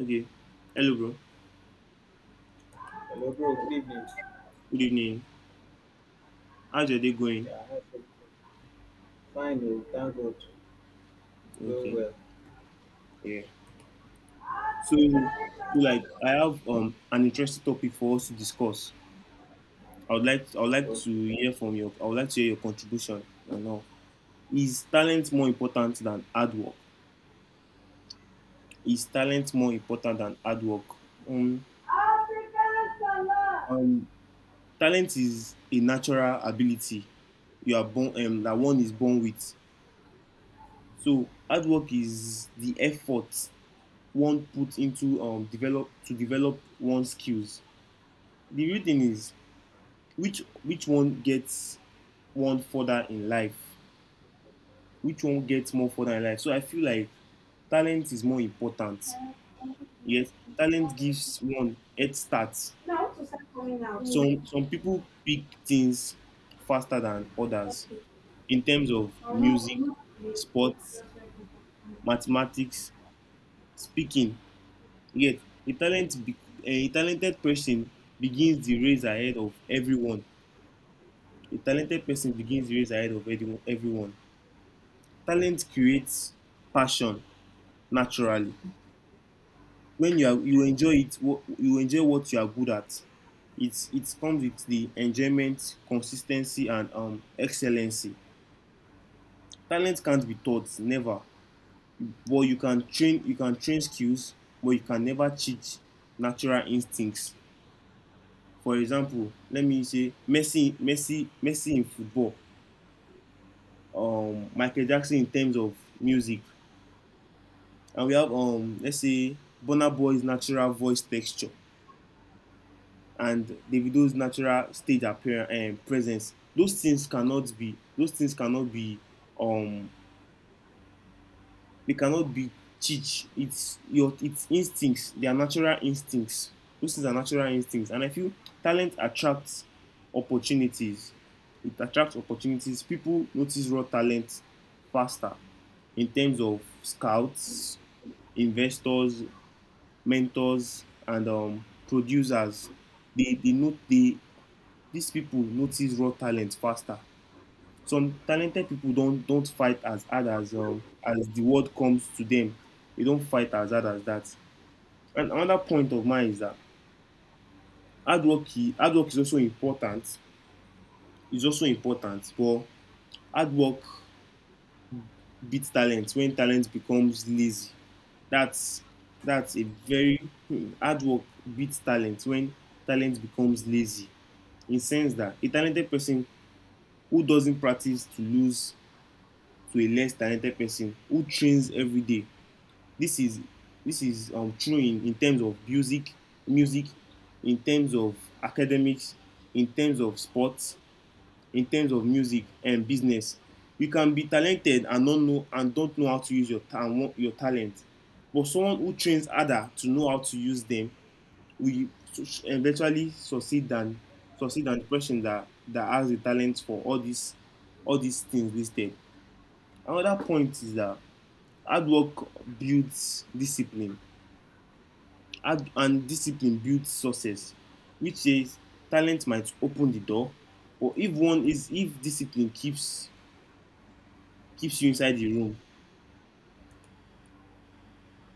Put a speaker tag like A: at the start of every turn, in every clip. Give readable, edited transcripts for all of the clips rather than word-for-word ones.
A: Okay. Hello, bro.
B: Hello, bro. Good evening.
A: Good evening. How's your day going?
B: Yeah, how's everything? Fine. Oh, thank God. It's going
A: Okay.
B: well.
A: Yeah. So like, I have an interesting topic for us to discuss. I would like
B: Okay.
A: to hear from your I would like to hear your contribution. And all. Is talent more important than hard work? Is talent more important than hard work? Um,
B: African color.
A: um, talent is a natural ability you are born that one is born with. So hard work is the effort one put into develop one's skills. The real thing is which one gets one further in life, which one gets more further in life. So I feel like talent is more important.
B: Now,
A: Yes, talent gives one head start.
B: I want to start coming out.
A: Some people pick things faster than others
B: Okay.
A: in terms of
B: I don't know.
A: music,
B: Wait,
A: sports,
B: just wait.
A: mathematics, speaking. Yet a talent, be, a talented person begins the race ahead of everyone. A talented person begins years ahead of everyone. Talent creates passion naturally. You enjoy it, you enjoy what you are good at. It comes with the enjoyment, consistency, and excellency. Talent can't be taught, never. But you can train skills, but you can never cheat natural instincts. For example, let me say Messi in football, Michael Jackson in terms of music. And we have let's see Bonner Boy's natural voice texture and Davido's natural stage appearance and presence. Those things cannot be um they cannot be teach. It's instincts, they are natural instincts. Those things are natural instincts. And I feel talent attracts opportunities. It attracts opportunities. People notice raw talent faster in terms of scouts, investors, mentors, and producers. They note they these people notice raw talent faster. Some talented people don't fight as hard as the word comes to them. They don't fight as hard as that. And another point of mine is that hard work hard work is also important, is also important. But hard work beats talent when talent becomes lazy. That's that's a very hmm, Hard work beats talent when talent becomes lazy, in the sense that a talented person who doesn't practice to lose to a less talented person who trains every day. This is this is True in terms of music, in terms of academics, in terms of sports, in terms of music and business. You can be talented and not know and Don't know how to use your talent, but someone who trains harder to know how to use them we eventually succeed than the person that has the talent for all these, all these things listed. Another point is that hard work builds discipline. Hard and discipline builds success, which is talent might open the door, but if one is if discipline keeps you inside the room.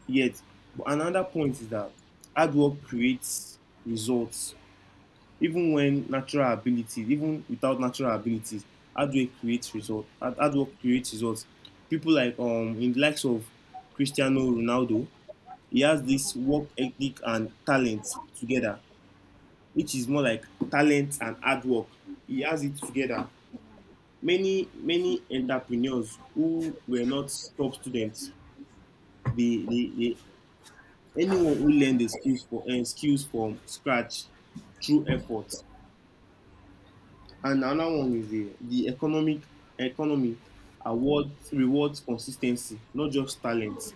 A: Yet, but another point is that hard work creates results. Even without natural abilities, hard work creates results. Hard work creates results. People like in the likes of Cristiano Ronaldo, he has this work ethic and
B: Check my
A: talent
B: phone.
A: together, which is more like talent and hard work. He has it
B: Yes,
A: together. Many entrepreneurs who were not top students, they anyone who learned the skills for skills from scratch through effort. And another one is the economic economy awards rewards consistency, not just talent.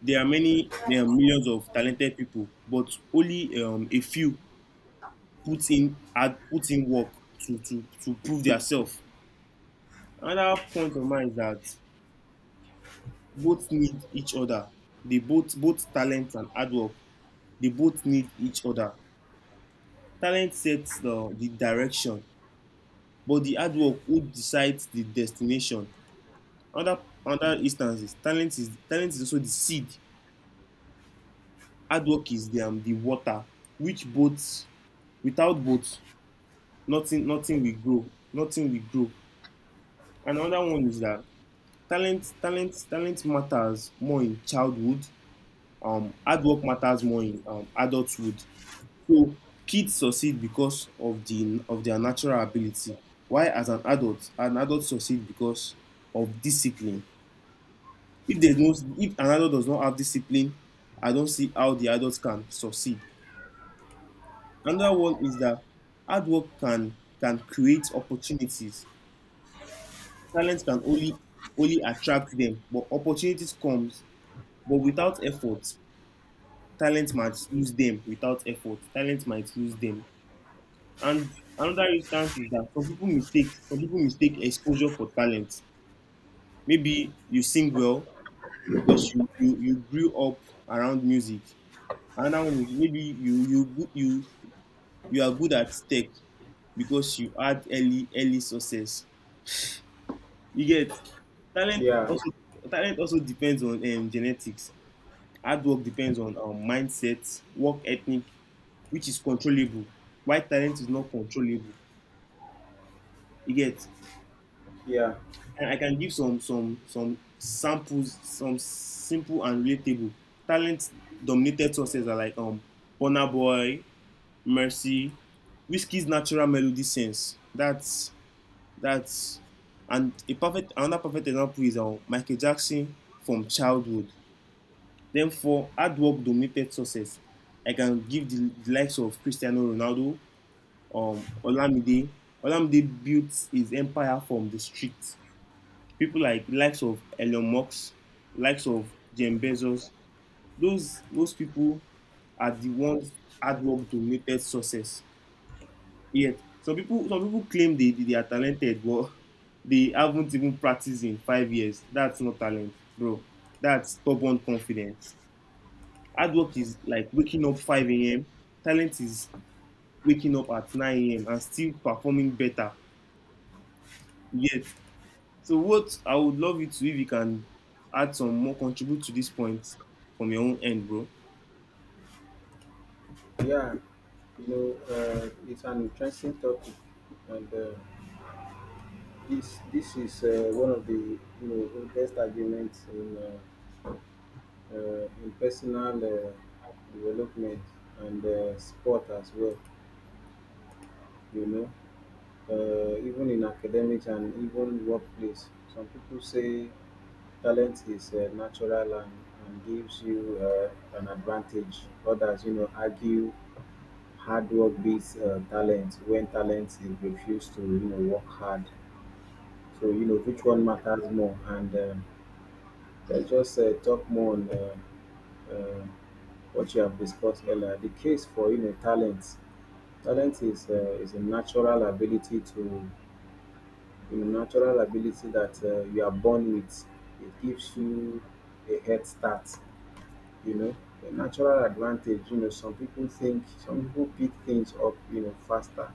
A: There are many there are millions of talented people, but only a few put in had put in work to to prove themselves. Another point of mine is that both need each other. They both both talent and hard work. They both need each other. Talent sets the direction, but the hard work who decides the destination. Other Other instances, talent is also the seed. Hard work is the water, which both, without both, nothing will grow. Nothing will grow. And another one is that talent matters more in childhood. Hard work matters more in adulthood. So kids succeed because of their natural ability. Why as an adult succeed because of discipline. If there's no, if an adult does not have discipline, I don't see how the adults can succeed. Another one is that hard work can create opportunities. Talent can only only attract them, but opportunities comes. But without effort, talent might lose them. Without effort, talent might lose them. And another instance is that some people mistake exposure for talent. Maybe you sing well because you grew up around music. Another one is maybe you you are good at tech because you had early success. You get. Talent
B: yeah,
A: also, talent also depends on genetics. Hard work depends on mindset, work ethic, which is controllable. Why talent is not controllable? You get.
B: yeah,
A: And I can give some samples, some simple and relatable. Talent dominated sources are like Burna Boy, Mercy, Whiskey's natural melody sense. That's and a perfect another perfect example is Michael Jackson from childhood. Then for hard work dominated success, I can give the likes of Cristiano Ronaldo, Olamide. Olamide built his empire from the streets. People like, likes of Elon Musk, likes of Jeff Bezos. Those people are the ones hard work dominated success. Yes. Some people claim they are talented, but they haven't even practiced in 5 years. That's not talent, bro. That's stubborn confidence. Hard work is like waking up 5 a.m. Talent is waking up at 9 a.m. and still performing better. Yet. So what I would love you to, if you can add some more, contribute to this point from your own end, bro.
B: yeah. You know, it's an interesting topic, and this is one of the oldest arguments in personal development and sport as well, you know, even in academics and even workplace. Some people say talent is natural and gives you an advantage. Others, you know, argue hard work beats talent when talent is refused to, you know, work hard. So, you know, which one matters more? And let's just talk more on. Uh, what you have discussed earlier, the case for you know talent. Talent is a natural ability to you know natural ability that you are born with. It gives you a head start. You know a natural advantage. You know some people pick things up you know faster.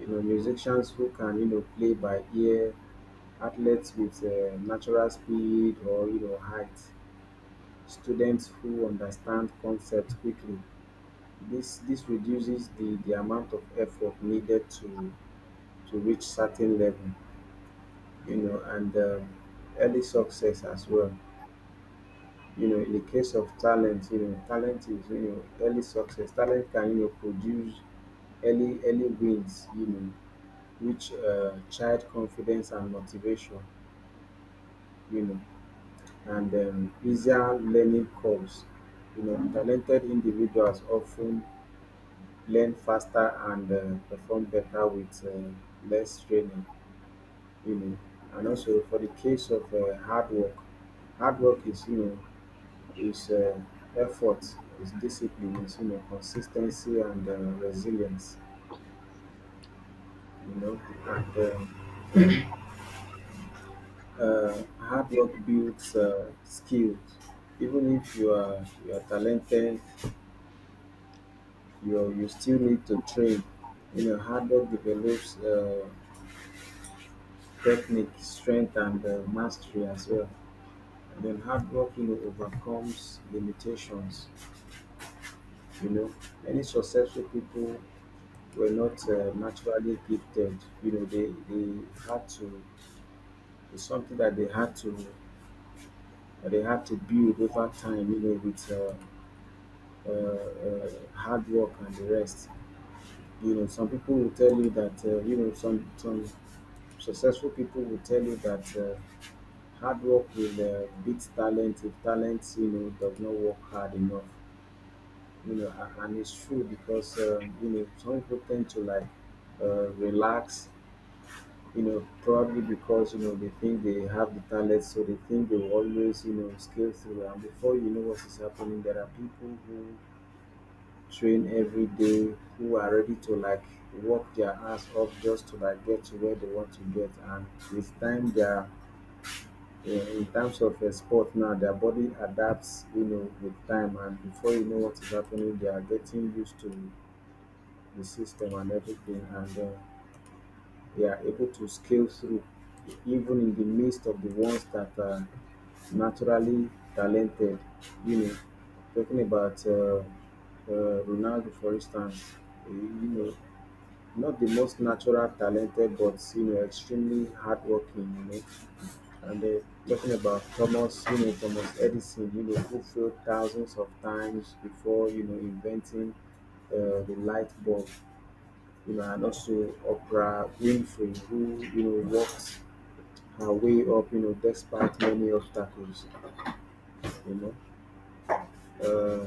B: You know musicians who can you know play by ear, athletes with natural speed or you know height, students who understand concepts quickly. This reduces the amount of effort needed to reach certain level, you know, and early success as well. You know, in the case of talent, you know, talent is you know early success. Talent can you know produce early wins, you know, which child confidence and motivation, you know, and easier learning curves. You know, talented individuals often learn faster and perform better with less training, you know. And also for the case of hard work, hard work is you know is effort, is discipline, is you know consistency and resilience, you know. And Hard work builds skills. Even if you are talented, you still need to train. You know, hard work develops technique, strength, and mastery as well. Then hard work you know overcomes limitations. You know, many successful people were not naturally gifted. You know, they had to, it's something that they had to, that they had to build over time, you know, with hard work and the rest. You know, some people will tell you that you know some successful people will tell you that hard work will beat talent if talent you know does not work hard enough. You know, and it's true, because you know some people tend to like relax, you know, probably because you know they think they have the talent, so they think they will always you know scale through. And before you know what is happening, there are people who train every day, who are ready to like work their ass off just to like get to where they want to get, and with time they are. In terms of sport now, their body adapts, you know, with time, and before you know what is happening, they are getting used to the system and everything, and they are able to scale through even in the midst of the ones that are naturally talented. You know, talking about Ronaldo, for instance, you know, not the most natural talented, but you know, extremely hardworking. You know, and talking about Thomas, you know, Thomas Edison, you know, who failed thousands of times before you know inventing the light bulb, you know. And also Oprah Winfrey, who you know worked her way up, you know, despite many obstacles. You know, uh,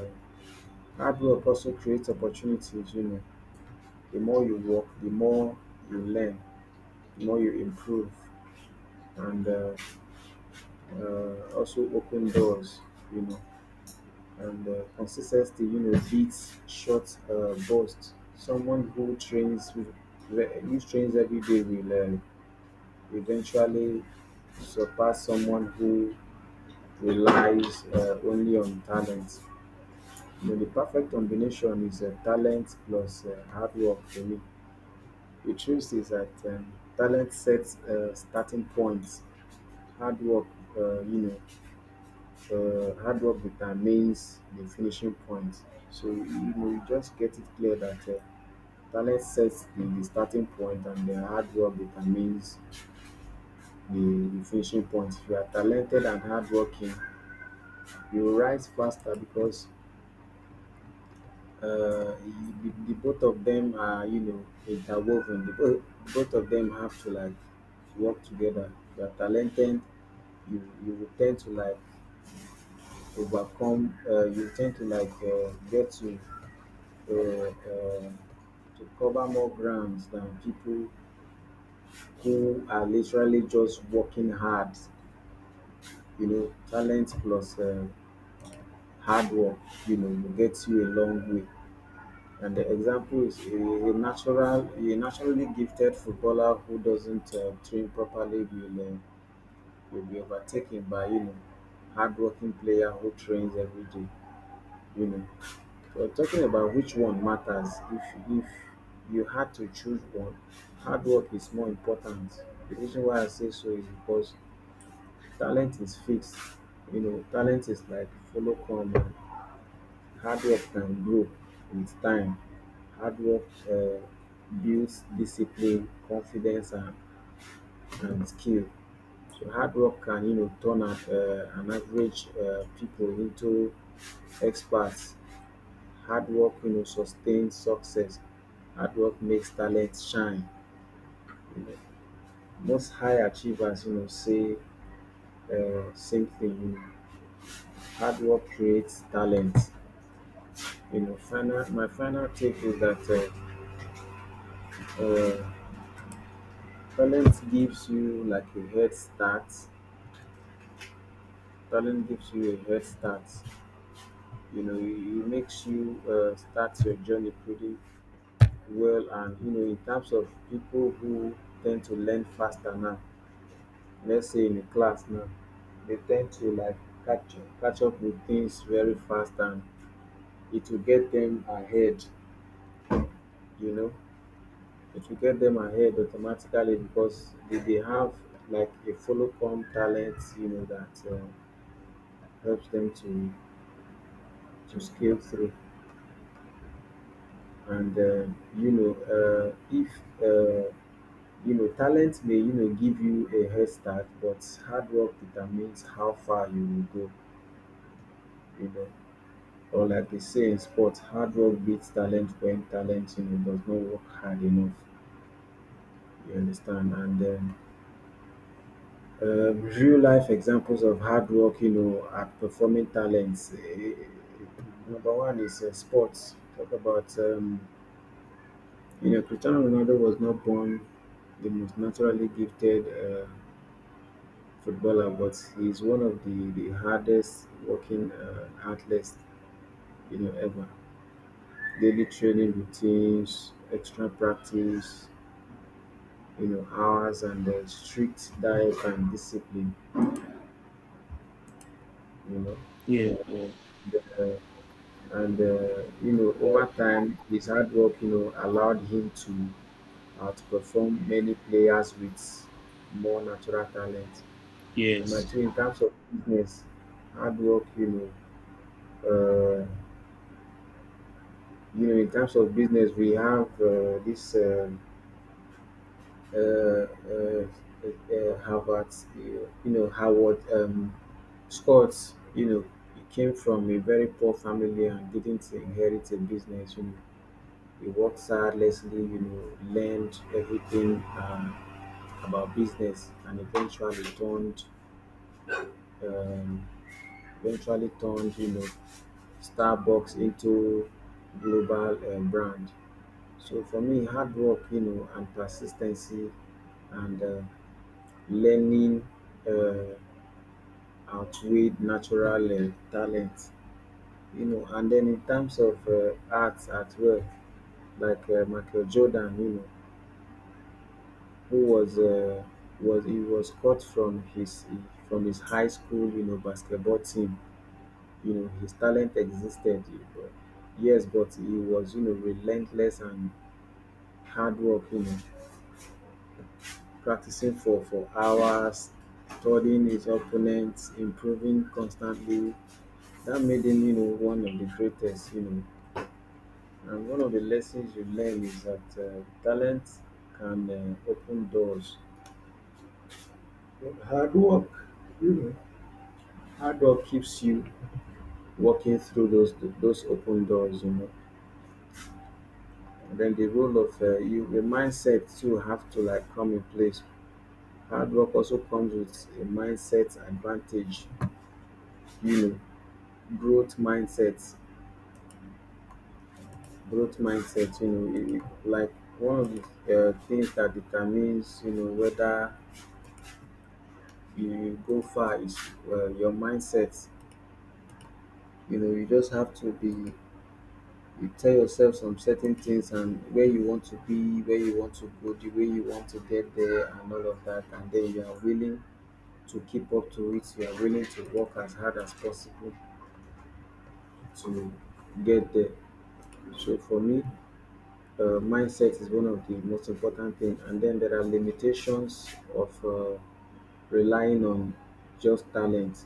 B: hard work also creates opportunities. You know, the more you work, the more you learn, the more you improve, and also open doors. You know, and consistency, you know, beats short bursts. Someone who trains, who trains every day will eventually surpass someone who relies only on talent. You know, the perfect combination is talent plus hard work for me. The truth is that talent sets starting points. Hard work, you know, hard work determines the finishing point. So you know, you just get it clear that talent sets the starting point, and the hard work determines the, the finishing point. If you are talented and hardworking, you rise faster because the both of them are you know interwoven. Both of them have to like work together. You are talented. You will tend to like overcome. You tend to like get uh, uh, to cover more grounds than people who are literally just working hard. You know, talent plus hard work, you know, will get you a long way. And the example is a naturally gifted footballer who doesn't train properly will be overtaken by you know hardworking player who trains every day. You know, we're talking about which one matters. If you had to choose one, hard work is more important. The reason why I say so is because talent is fixed. You know, talent is like follow come. Hard work can grow with time. Hard work builds discipline, confidence, and skill. So hard work can you know turn up an average people into experts. Hard work you know sustains success. Hard work makes talent shine. You know, most high achievers you know say same thing. You know, hard work creates talent. You know, final my final tip is that. Uh, uh, Talent gives you like a head start, talent gives you a head start, you know. It makes you start your journey pretty well. And you know in terms of people who tend to learn faster now, let's say in a class now, they tend to like catch up with things very fast, and it will get them ahead, you know, it will get them ahead automatically because they have like a follow come talent, you know, that helps them to scale through. And you know, if uh, you know, talent may you know give you a head start, but hard work determines how far you will go. You know, or like they say in sports, hard work beats talent when talent you know does not work hard enough. You understand? And then real life examples of hard work, you know, at performing talents. Number one is sports. Talk about you know, Cristiano Ronaldo was not born the most naturally gifted footballer, but he's one of the hardest working athletes, you know, ever. Daily training routines, extra practice, you know, hours, and strict diet and discipline, you know.
A: Yeah.
B: The, and, you know, over time, his hard work, you know, allowed him to outperform many players with more natural talent. And my
A: Yes.
B: two, in terms of business, hard work, know, uh, you know, in terms of business, we have this Harvard, you know, Howard Scott, you know, he came from a very poor family and didn't inherit a business. You know, he worked tirelessly, you know, learned everything about business, and um, eventually turned, you know, Starbucks into global brand. So for me, hard work, you know, and persistency and learning uh, outweighed natural talent, you know. And then in terms of arts at work, like Michael Jordan, you know, who was he was cut from his high school, you know, basketball team. You know, his talent existed, but yes, but he was you know relentless and hard work, you know, practicing for hours, studying his opponents, improving constantly. That made him, you know, one of the greatest, you know. And one of the lessons you learn is that talent can open doors, but hard work, you know, hard work keeps you working through those open doors, you know. And then the role of the mindset too, have to like come in place. Hard work also comes with a mindset advantage, you know, growth mindsets, growth mindset, you know, like one of the things that determines, you know, whether you go far is your mindset. You know, you just have to be, you tell yourself some certain things and where you want to be, where you want to go, the way you want to get there and all of that, and then you are willing to keep up to it, you are willing to work as hard as possible to get there. So for me, mindset is one of the most important things, and then there are limitations of relying on just talent.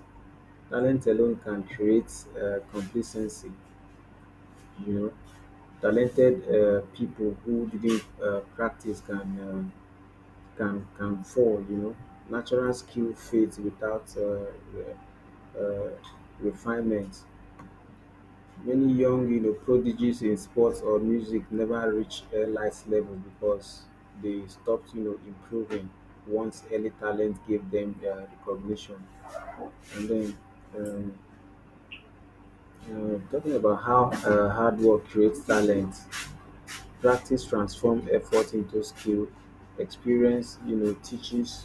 B: Talent alone can create complacency, you know. Talented people who didn't practice can can fall, you know. Natural skill fades without uh, refinement. Many, young you know, prodigies in sports or music never reach elite level because they stopped, you know, improving once early talent gave them their recognition. And then um, talking about how hard work creates talent, practice transforms effort into skill, experience, you know, teaches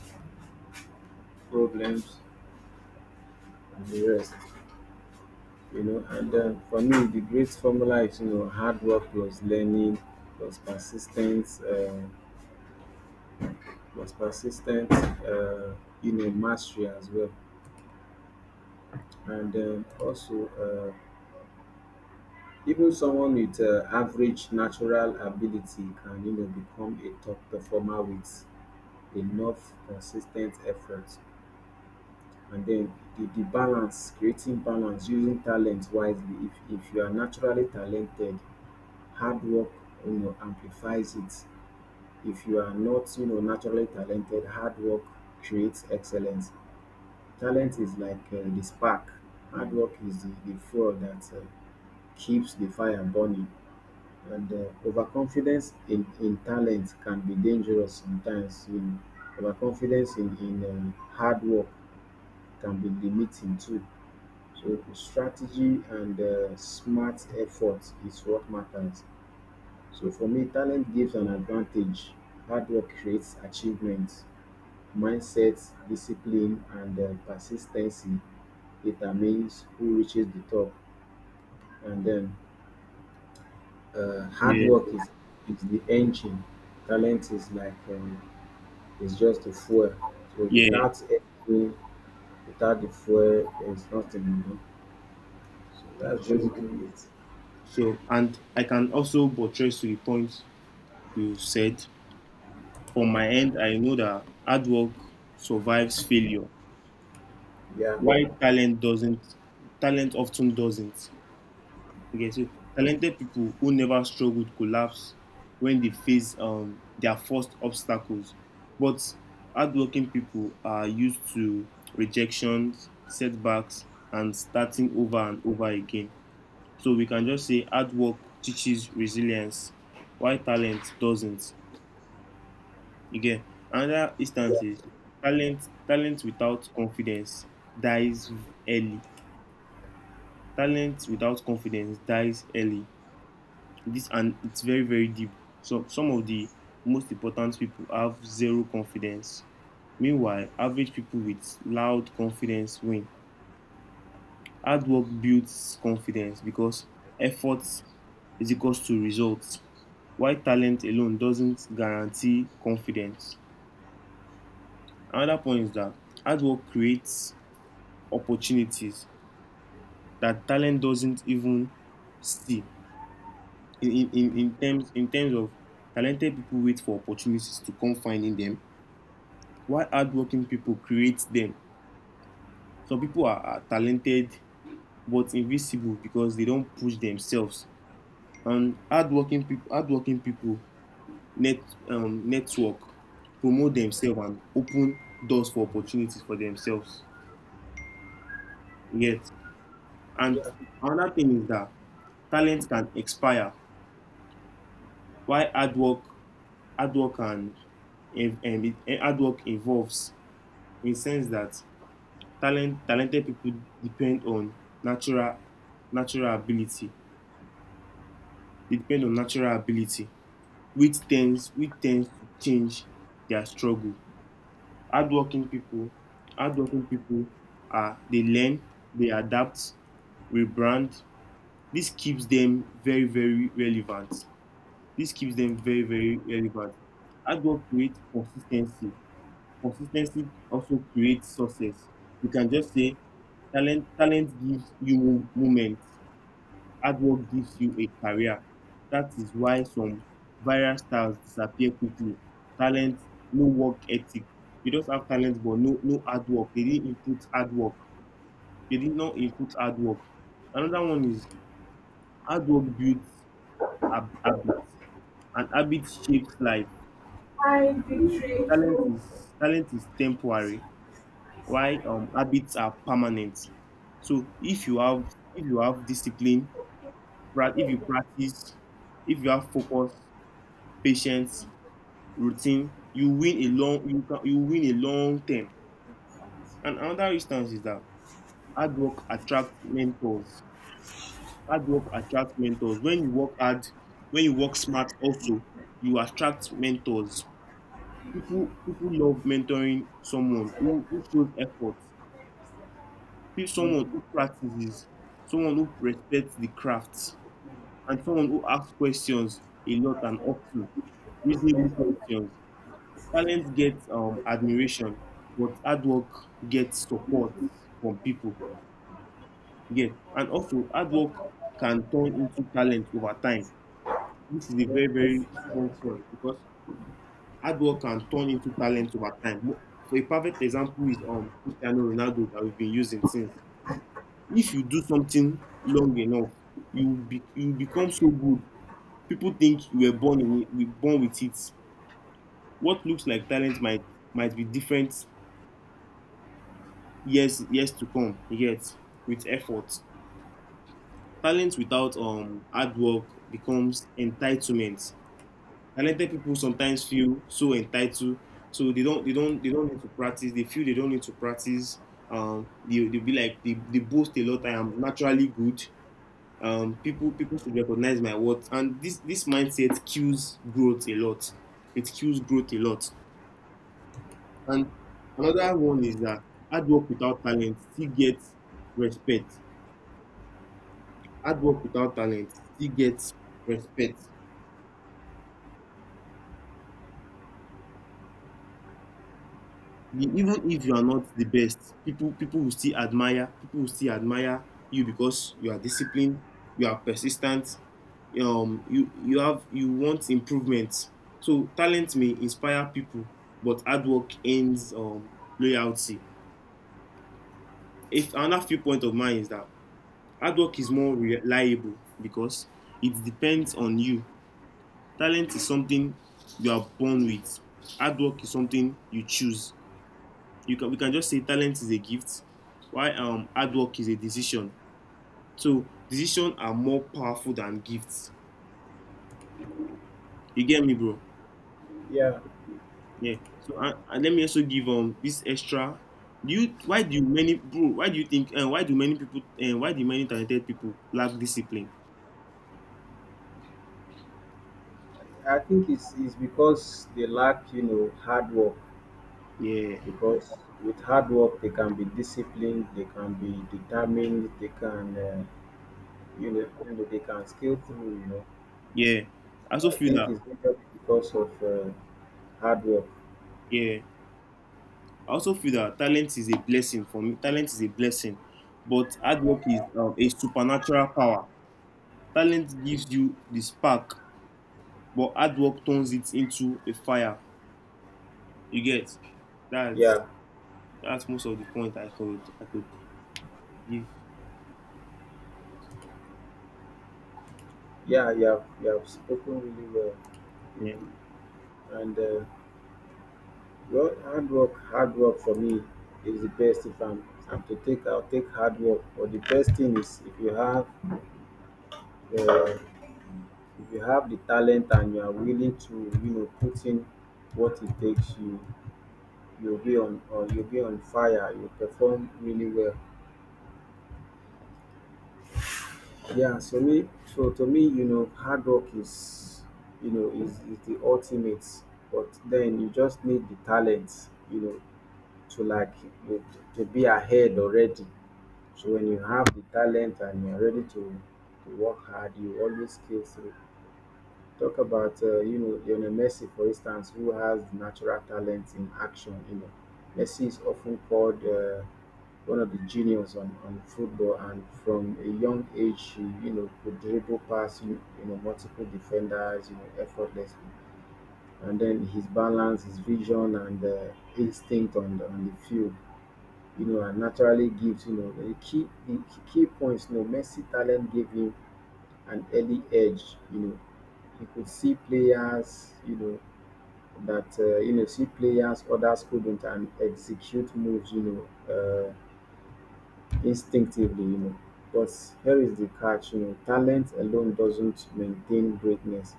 B: problems and the rest. You know, and for me, the great formula is, you know, hard work plus learning plus persistence. Was persistent in a mastery as well. And also, even someone with average natural ability can, you know, become a top performer with enough consistent effort. And then the balance, creating balance, using talent wisely. If you are naturally talented, hard work, you know, amplifies it. If you are not, you know, naturally talented, hard work creates excellence. Talent is like the spark. Hard work is the fuel that keeps the fire burning. And overconfidence in talent can be dangerous sometimes. In overconfidence in hard work can be limiting too. So strategy and smart effort is what matters. So for me, talent gives an advantage. Hard work creates achievements. Mindset, discipline, and persistency determines who reaches the top. And then hard
A: Yeah.
B: work is the engine. Talent is like it's just a fuel. So
A: Yeah.
B: without engine, without the fuel, there's nothing. You know? So that's
A: Sure.
B: basically it.
A: Sure. And I can also buttress to the point you said. From my end, I know that hard work survives failure,
B: Yeah,
A: while talent doesn't. Talent often doesn't. Okay, so talented people who never struggled collapse when they face their first obstacles. But hardworking people are used to rejections, setbacks, and starting over and over again. So we can just say hard work teaches resilience, while talent doesn't. You get? Another
B: yeah,
A: instance is talent talent without confidence dies early. Talent without confidence dies early. This, and it's very very deep. So some of the most important people have zero confidence. Meanwhile, average people with loud confidence win. Hard work builds confidence because effort is equals to results, while talent alone doesn't guarantee confidence. Another point is that hard work creates opportunities that talent doesn't even see, in terms of talented people wait for opportunities to come finding them, while hardworking people create them. Some people are talented, but invisible because they don't push themselves. And hardworking people net network, promote themselves, and open doors for opportunities for themselves. Yes. And
B: yeah.
A: another thing is that talent can expire, while hard work and, and hard work involves, in the sense that talented people depend on natural natural ability. They depend on natural ability, which tends to change their struggle. hardworking people Hardworking people are, they learn, they adapt, rebrand. this keeps them very very relevant this keeps them very very relevant. Hard work creates consistency. Consistency also creates success. We can just say talent gives you moments, hard work gives you a career. That is why some viral stars disappear quickly. Talent, no work ethic. You just have talent but no hard work. They didn't input hard work. They did not input hard work. Another one is hard work builds habits, and habits shapes life.
B: Hi, Victory.
A: Talent is temporary. Why habits are permanent. So if you have discipline, if you practice, if you have focus, patience, routine, you can you win a long term. And another instance is that hard work attracts mentors. Hard work attracts mentors. When you work hard, when you work smart, also, you attract mentors. People love mentoring someone who shows effort. Pick someone
B: Mm.
A: who practices, someone who respects the craft, and someone who asks questions a lot and often, reasonable questions. Talent gets admiration, but hard work gets support from people. Yes, and also hard work can turn into talent over time. This is a
B: Yeah,
A: very, very strong point because hard work can turn into talent over time. For a perfect example is Cristiano Ronaldo that we've been using since. If you do something long enough, you will become so good people think you were born with it. What looks like talent might be different years, years to come. Yet with effort, talent without hard work becomes entitlement. Talented people sometimes feel so entitled, so they don't, they don't, they don't need to practice. They feel they don't need to practice. They be like They boast a lot. I am naturally good. People, people should recognize my worth. And this mindset kills growth a lot. It kills growth a lot. And another one is that hard work without talent still gets respect. Hard work without talent still gets respect. Even if you are not the best, people will still admire, people will still admire you because you are disciplined, you are persistent, you you have, you want improvement. So talent may inspire people, but hard work ends loyalty. If Another viewpoint of mine is that hard work is more reliable because it depends on you. Talent is something you are born with, hard work is something you choose. You can, we can just say talent is a gift, while hard work is a decision. So decision are more powerful than gifts. You get me, bro?
B: yeah.
A: Yeah. So and let me also give this extra. Do you, why do many, bro, why do you think, and why do many people, and why do many talented people lack discipline?
B: I think it's because they lack, you know, hard work.
A: Yeah.
B: Because with hard work they can be disciplined, they can be determined, they can, uh, you know you know they can scale through, you know.
A: Yeah, I also
B: I
A: feel
B: think
A: that.
B: it's majorly because of hard work.
A: Yeah, I also feel that talent is a blessing. For me, talent is a blessing, but hard work is a supernatural power. Talent gives you the spark, but hard work turns it into a fire. You get. That's
B: Yeah.
A: that's Most of the point I could, I could give.
B: Yeah, you have, you have spoken really well, you
A: Yeah,
B: know. And well, hard work for me is the best. If I'm to take, I'll take hard work, but the best thing is if you have the if you have the talent and you are willing to, you know, put in what it takes, you'll be on, or you'll be on fire, you perform really well. Yeah, so me, so to me, you know, hard work is the ultimate. But then you just need the talent, you know, to like you, to be ahead already. So when you have the talent and you're ready to work hard, you always scale through. Talk about you know, Lionel Messi for instance, who has natural talent in action, you know. Messi is often called one of the genius on football, and from a young age she, you know, could dribble past you, you know, multiple defenders, you know, effortlessly. And then his balance, his vision, and instinct on the field, you know, and naturally gives, you know, the key, the key points, you know. Messi talent gave him an early edge, you know. He could see players, you know, that see players others couldn't, and execute moves, you know, uh, instinctively, you know. But here is the catch, you know, talent alone doesn't maintain greatness.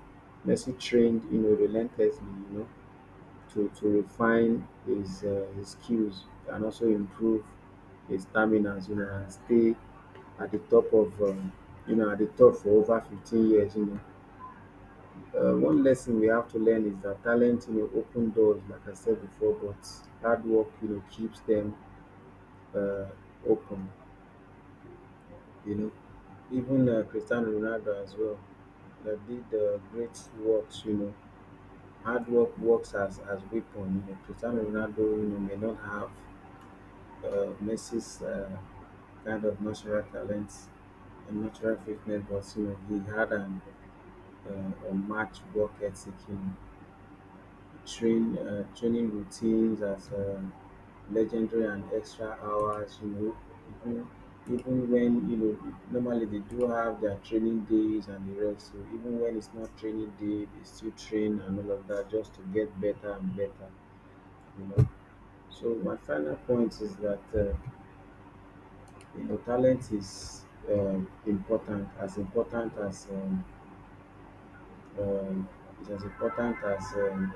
B: Messi trained, you know, relentlessly, you know, to refine his his skills and also improve his stamina, you know, and stay at the top of, at the top for over 15 years, you know. One lesson we have to learn is that talent, you know, open doors, like I said before, but hard work, you know, keeps them uh, open, you know. Even Cristiano Ronaldo as well, that did great works. You know, hard work works as weapon. You know, Cristiano Ronaldo, you know, may not have Messi's kind of natural talents and natural fitness, but you know, he had an a match work ethic. You know, training routines as. Legendary and extra hours, you know, even, even when, you know, normally they do have their training days and the rest. So even when it's not training day, they still train and all of that just to get better and better, you know. So my final point is that you know, talent is important as um, it's as important as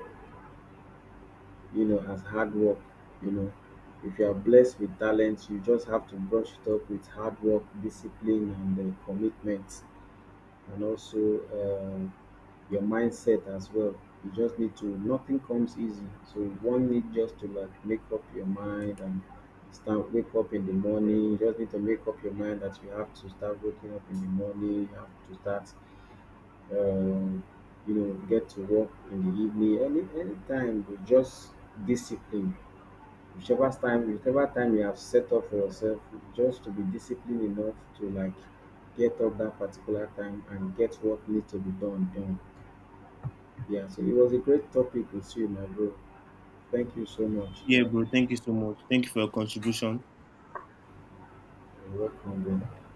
B: you know, as hard work. You know, if you are blessed with talent, you just have to brush it up with hard work, discipline, and commitment, and also your mindset as well. You just need to. Nothing comes easy, so one need just to like make up your mind and start wake up in the morning. You just need to make up your mind that you have to start waking up in the morning. You have to start. Um, you know, get to work in the evening. Any anytime, but just discipline, whichever time you have set up for yourself, just to be disciplined enough to like get up that particular time and get what needs to be done done. Yeah, so it was a great topic with you, my bro. Thank you so much.
A: yeah, bro. Thank you so much. Thank you for your contribution.
B: You're welcome, bro.